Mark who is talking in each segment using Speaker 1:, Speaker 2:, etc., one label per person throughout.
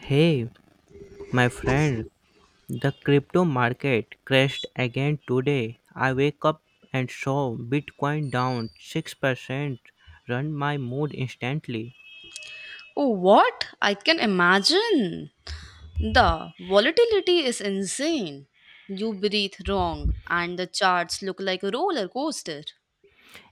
Speaker 1: Hey, my friend, the crypto market crashed again today. I wake up and saw Bitcoin down 6%, run my mood instantly.
Speaker 2: Oh, what? I can imagine. The volatility is insane. You breathe wrong, and the charts look like a roller coaster.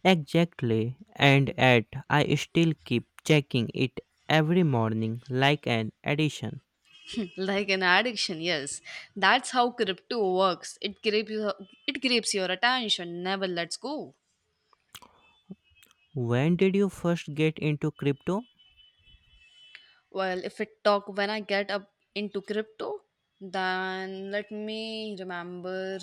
Speaker 1: Exactly, and yet I still keep checking it every morning like an addition.
Speaker 2: like an addiction, yes. That's how crypto works. It grabs your attention, never lets go.
Speaker 1: When did you first get into crypto?
Speaker 2: Well, if it talk when I get up into crypto, then let me remember.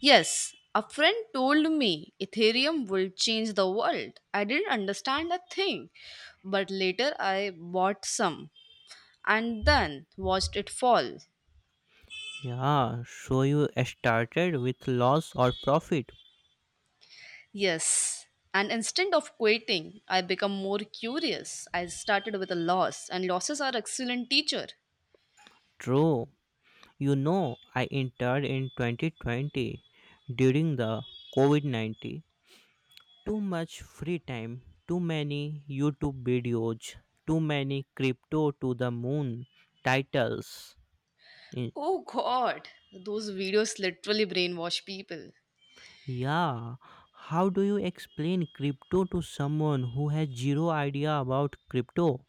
Speaker 2: Yes, a friend told me Ethereum will change the world. I didn't understand a thing, but later I bought some and then watched it fall.
Speaker 1: Yeah, so you started with loss or profit.
Speaker 2: Yes, and instead of quitting, I become more curious. I started with a loss, and losses are excellent teacher.
Speaker 1: True. You know, I entered in 2020 during the COVID 19. Too much free time, too many YouTube videos, too many crypto to the moon titles. Eh,
Speaker 2: Oh God, those videos literally brainwash people.
Speaker 1: Yeah, how do you explain crypto to someone who has zero idea about crypto?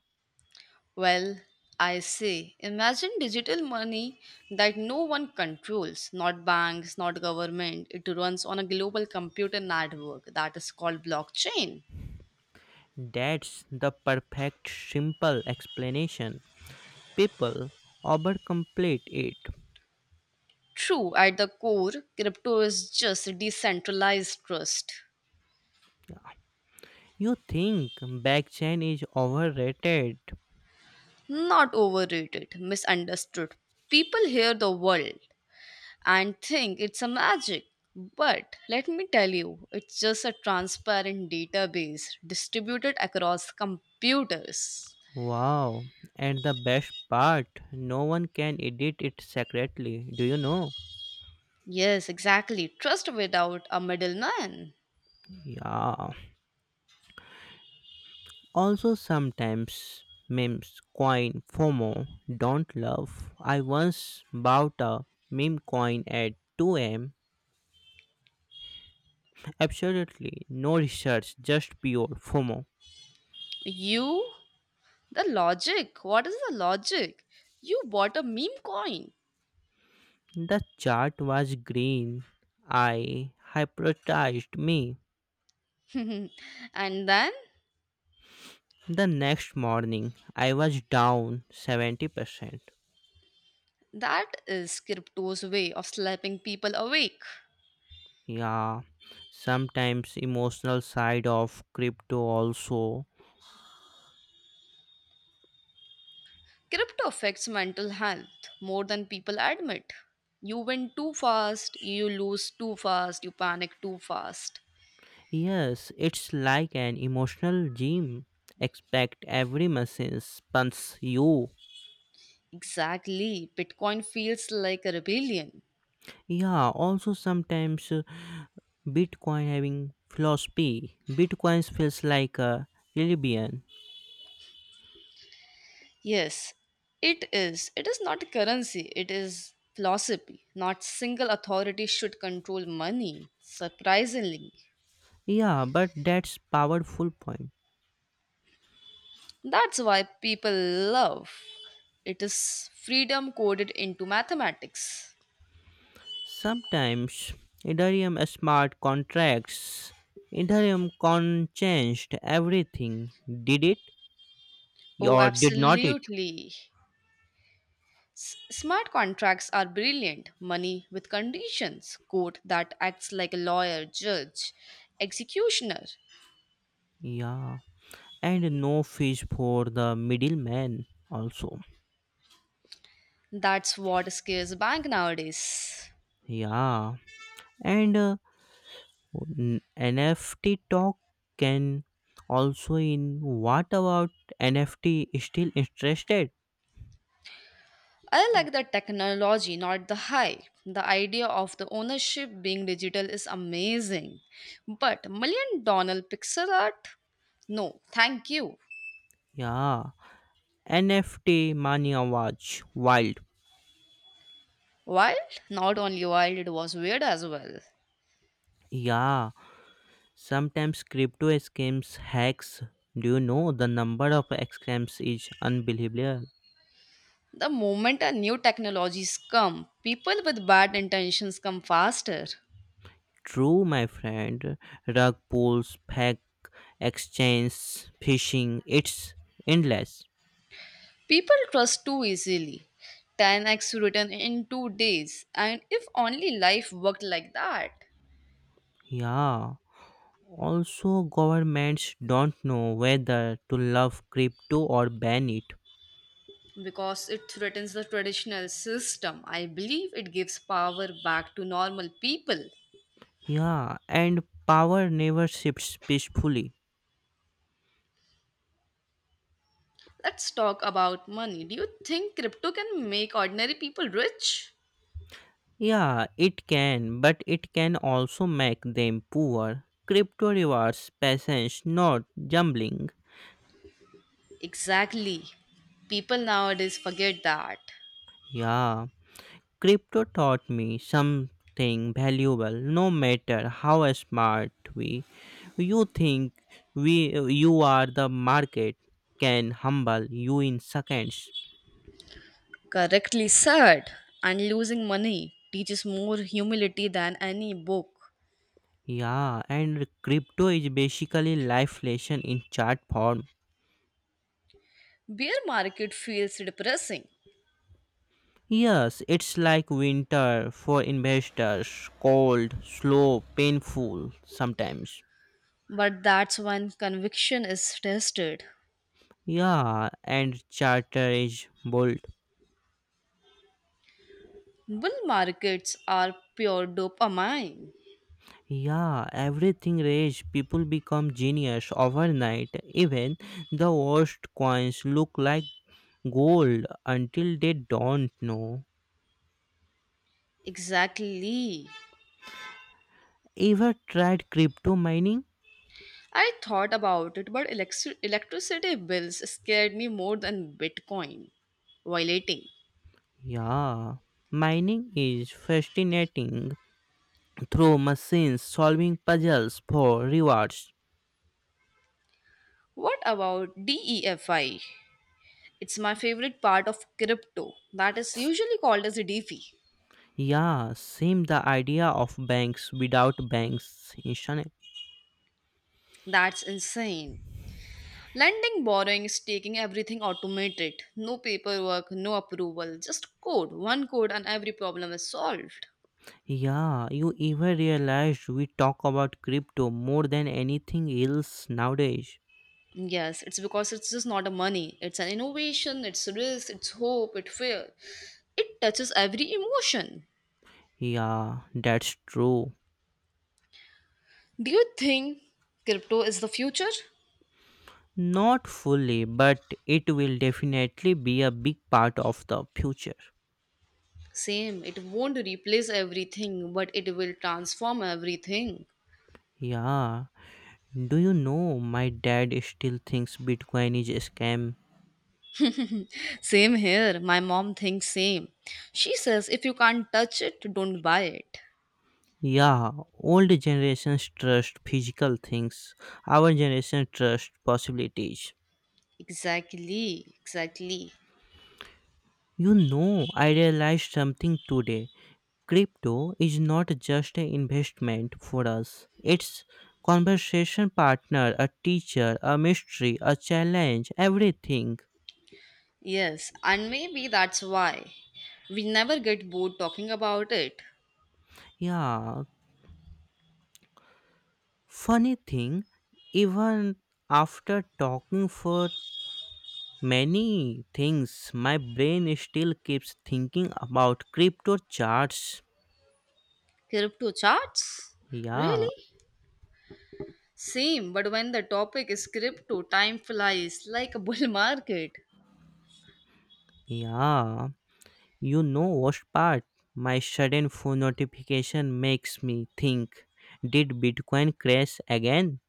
Speaker 2: Well, I say, imagine digital money that no one controls, not banks, not government. It runs on a global computer network that is called blockchain.
Speaker 1: That's the perfect simple explanation. People overcomplicate it.
Speaker 2: True, at the core, crypto is just decentralized trust.
Speaker 1: You think blockchain is overrated.
Speaker 2: Not overrated, misunderstood. People hear the world and think it's a magic. But let me tell you, it's just a transparent database distributed across computers.
Speaker 1: Wow. And the best part, no one can edit it secretly. Do you know?
Speaker 2: Yes, exactly. Trust without a middleman.
Speaker 1: Yeah. Also, sometimes memes, coin, FOMO, don't love. I once bought a meme coin at 2 am. Absolutely no research, just pure FOMO.
Speaker 2: You, the logic. What is the logic? You bought a meme coin.
Speaker 1: The chart was green. I hypnotized me.
Speaker 2: and then
Speaker 1: The next morning, I was down 70%.
Speaker 2: that is crypto's way of slapping people awake.
Speaker 1: Yeah, sometimes emotional side of crypto also.
Speaker 2: Crypto affects mental health more than people admit. You win too fast, you lose too fast, you panic too fast.
Speaker 1: Yes, it's like an emotional gym, expect every message punch you.
Speaker 2: Exactly. Bitcoin feels like a rebellion.
Speaker 1: Yeah, also sometimes bitcoin having philosophy, bitcoins feels like a religion.
Speaker 2: Yes, it is. It is not a currency, it is philosophy. Not single authority should control money, surprisingly.
Speaker 1: Yeah, but that's powerful point.
Speaker 2: That's why people love it is freedom coded into mathematics.
Speaker 1: Sometimes ethereum smart contracts, ethereum con changed everything, did it
Speaker 2: Oh,
Speaker 1: or did not it?
Speaker 2: absolutely. Smart contracts are brilliant. Money with conditions, court that acts like a lawyer, judge, executioner.
Speaker 1: Yeah, and no fish for the middleman also.
Speaker 2: That's what scares bank nowadays.
Speaker 1: Yeah, and nft talk can, also in, what about nft, still interested?
Speaker 2: I like the technology, not the hype. The idea of the ownership being digital is amazing. But million dollar pixel art? No, thank you.
Speaker 1: Yeah, nft mania watch wild.
Speaker 2: Wild? Not only wild, it was weird as well.
Speaker 1: Yeah, sometimes crypto scams hacks, do you know the number of scams is unbelievable.
Speaker 2: The moment a new technologies come, people with bad intentions come faster.
Speaker 1: True, my friend. Rug pulls, pack exchange, fishing, it's endless.
Speaker 2: People trust too easily. 10x written in 2 days, and if only life worked like that.
Speaker 1: Yeah. Also, governments don't know whether to love crypto or ban it.
Speaker 2: Because it threatens the traditional system. I believe it gives power back to normal people.
Speaker 1: Yeah, and power never shifts peacefully.
Speaker 2: Let's talk about money. Do you think crypto can make ordinary people rich?
Speaker 1: Yeah, it can, but it can also make them poor. Crypto rewards patience, not gambling.
Speaker 2: Exactly. People nowadays forget that.
Speaker 1: Yeah. Crypto taught me something valuable, no matter how smart we you think, we you are, the market can humble you in seconds.
Speaker 2: Correctly said. And losing money teaches more humility than any book.
Speaker 1: Yeah, and crypto is basically life lesson in chart form.
Speaker 2: Bear market feels depressing,
Speaker 1: Yes, it's like winter for investors, cold slow painful sometimes.
Speaker 2: but that's when conviction is tested.
Speaker 1: Yeah, and charter is bold.
Speaker 2: Bull markets are pure dopamine.
Speaker 1: Yeah, everything rage. People become genius overnight. Even the worst coins look like gold until they don't know.
Speaker 2: Exactly.
Speaker 1: Ever tried crypto mining?
Speaker 2: I thought about it, but electricity bills scared me more than Bitcoin violating.
Speaker 1: Yeah. Mining is fascinating, through machines solving puzzles for rewards.
Speaker 2: What about DEFI? It's my favorite part of crypto that is usually called as a DeFi.
Speaker 1: Yeah, same, the idea of banks without banks.
Speaker 2: That's insane. Lending, borrowing, staking, everything automated. No paperwork, no approval, just code. One code and every problem is solved.
Speaker 1: Yeah, you ever realized we talk about crypto more than anything else nowadays?
Speaker 2: Yes, it's because it's just not a money. It's an innovation, it's risk, it's hope, it's fear. It touches every emotion.
Speaker 1: Yeah, that's true.
Speaker 2: Do you think crypto is the future?
Speaker 1: Not fully, but it will definitely be a big part of the future.
Speaker 2: Same. It won't replace everything, but it will transform everything.
Speaker 1: Yeah, do you know my dad still thinks Bitcoin is a scam?
Speaker 2: Same here. My mom thinks same. She says if you can't touch it, don't buy it.
Speaker 1: Yeah, old generations trust physical things, our generation trust possibilities.
Speaker 2: Exactly, exactly.
Speaker 1: You know, I realized something today. Crypto is not just an investment for us. It's conversation partner, a teacher, a mystery, a challenge, everything.
Speaker 2: Yes, and maybe that's why we never get bored talking about it.
Speaker 1: Yeah, funny thing, even after talking for many things, my brain still keeps thinking about crypto charts.
Speaker 2: Crypto charts?
Speaker 1: Yeah,
Speaker 2: Really? Same, but when the topic is crypto, time flies like a bull market.
Speaker 1: yeah. You know worst part? My sudden phone notification makes me think, did Bitcoin crash again?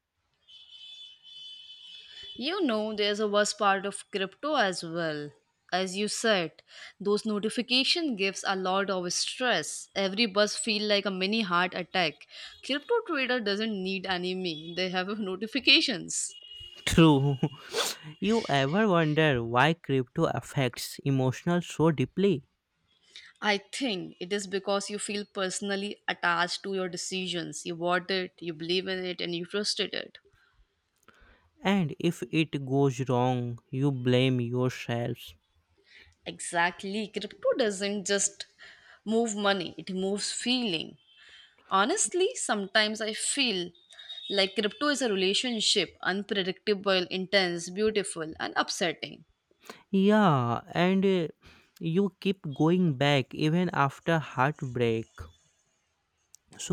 Speaker 2: You know, there's a worst part of crypto as well. As you said, those notification gives a lot of stress. Every buzz feel like a mini heart attack. Crypto trader doesn't need enemy. They have notifications.
Speaker 1: True. You ever wonder why crypto affects emotional so deeply?
Speaker 2: I think it is because you feel personally attached to your decisions. You bought it, you believe in it, and you trusted it.
Speaker 1: And if it goes wrong, you blame yourselves.
Speaker 2: Exactly. Crypto doesn't just move money, it moves feeling. Honestly, sometimes I feel like crypto is a relationship unpredictable, intense, beautiful, and upsetting.
Speaker 1: Yeah, and you keep going back even after heartbreak.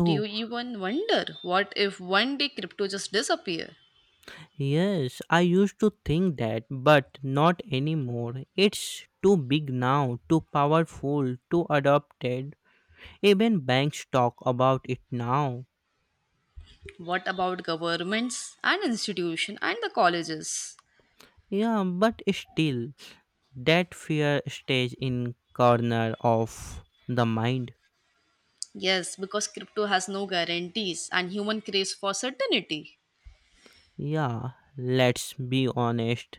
Speaker 2: Do you even wonder what if one day crypto just disappear?
Speaker 1: Yes, I used to think that, but not anymore. It's too big now, too powerful, too adopted. Even banks talk about it now.
Speaker 2: What about governments and institution and the colleges?
Speaker 1: Yeah, but still, that fear stays in corner of the mind.
Speaker 2: Yes, because crypto has no guarantees and human craves for certainty.
Speaker 1: Yeah, let's be honest.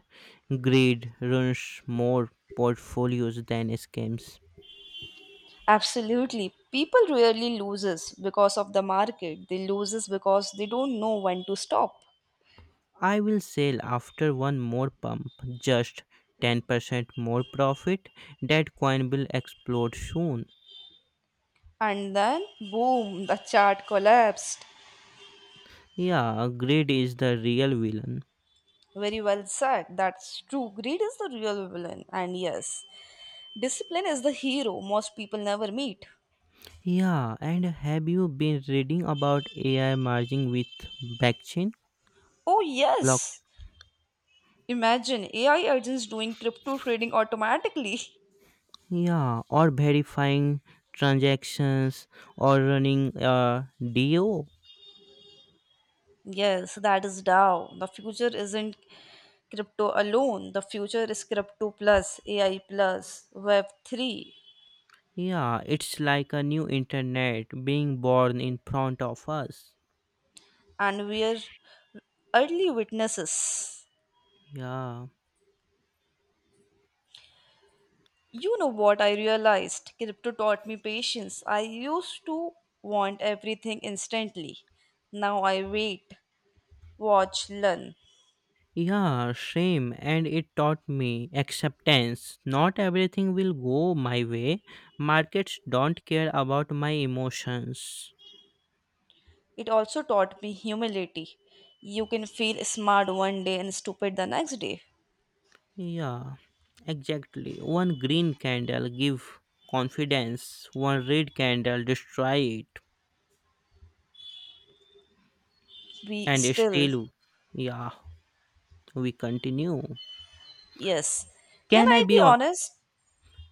Speaker 1: Greed runs more portfolios than scams.
Speaker 2: Absolutely. People really loses because of the market. They loses because they don't know when to stop.
Speaker 1: I will sell after one more pump, just 10% more profit. That coin will explode soon.
Speaker 2: And then boom, the chart collapsed.
Speaker 1: Yeah, greed is the real villain.
Speaker 2: Very well said. That's true. Greed is the real villain. And yes, discipline is the hero most people never meet.
Speaker 1: Yeah, and have you been reading about AI merging with blockchain?
Speaker 2: Oh
Speaker 1: Block.
Speaker 2: yes. Imagine AI agents doing crypto trading automatically.
Speaker 1: Yeah, or verifying transactions or running a DO.
Speaker 2: Yes, that is DAO. The future isn't crypto alone. The future is crypto plus, AI plus, Web3,
Speaker 1: Yeah, it's like a new internet being born in front of us.
Speaker 2: and we are early witnesses.
Speaker 1: Yeah.
Speaker 2: You know what I realized? Crypto taught me patience. I used to want everything instantly. Now I wait, watch, learn.
Speaker 1: Yeah, same. And it taught me acceptance. Not everything will go my way. Markets don't care about my emotions.
Speaker 2: It also taught me humility. You can feel smart one day and stupid the next day.
Speaker 1: Yeah, exactly. One green candle give confidence. One red candle destroy it.
Speaker 2: We
Speaker 1: And
Speaker 2: still
Speaker 1: still, yeah, we continue.
Speaker 2: yes. Can
Speaker 1: Can I
Speaker 2: I
Speaker 1: be
Speaker 2: be
Speaker 1: honest?
Speaker 2: honest?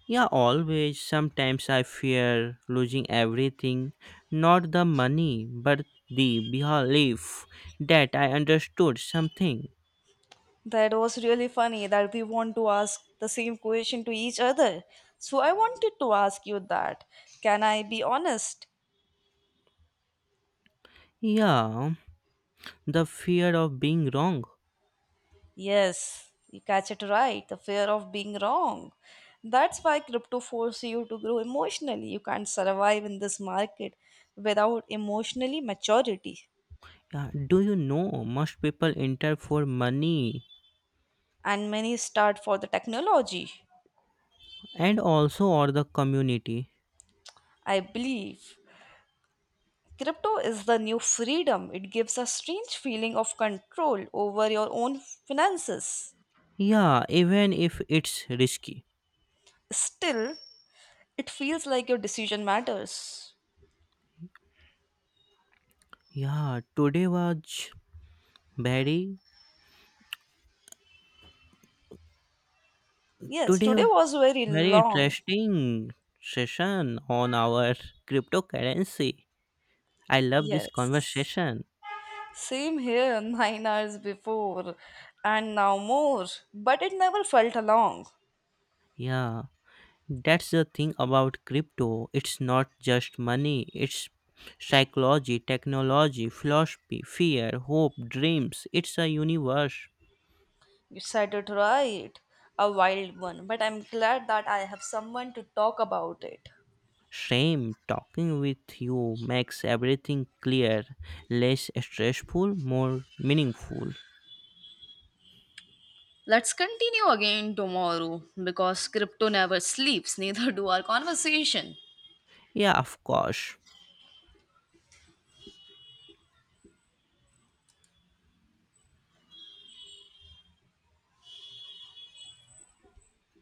Speaker 1: Yeah, always. Sometimes I fear losing everything. Not the money, but the belief that I understood something.
Speaker 2: That was really funny that we want to ask the same question to each other. So I wanted to ask you that. Can I be honest?
Speaker 1: Yeah, the fear of being wrong.
Speaker 2: Yes, you catch it right. The fear of being wrong. That's why crypto forces you to grow emotionally. You can't survive in this market without emotionally maturity.
Speaker 1: Yeah, do you know most people enter for money
Speaker 2: And many start for the technology.
Speaker 1: and also or the community?
Speaker 2: I believe. Crypto is the new freedom. It gives a strange feeling of control over your own finances.
Speaker 1: Yeah, even if it's risky.
Speaker 2: Still, it feels like your decision matters.
Speaker 1: Yeah, today was very,
Speaker 2: Yes,
Speaker 1: today
Speaker 2: today
Speaker 1: wa-
Speaker 2: was very
Speaker 1: very
Speaker 2: long.
Speaker 1: interesting session on our cryptocurrency. I love this
Speaker 2: Yes.
Speaker 1: conversation.
Speaker 2: Same here, 9 hours before, and now more. But it never felt long.
Speaker 1: Yeah, that's the thing about crypto. It's not just money, it's psychology, technology, philosophy, fear, hope, dreams. It's a universe.
Speaker 2: You said it right. A wild one. But I'm glad that I have someone to talk about it.
Speaker 1: Shame talking with you makes everything clear, less stressful, more meaningful.
Speaker 2: Let's continue again tomorrow because crypto never sleeps, neither do our conversation.
Speaker 1: Yeah, of course.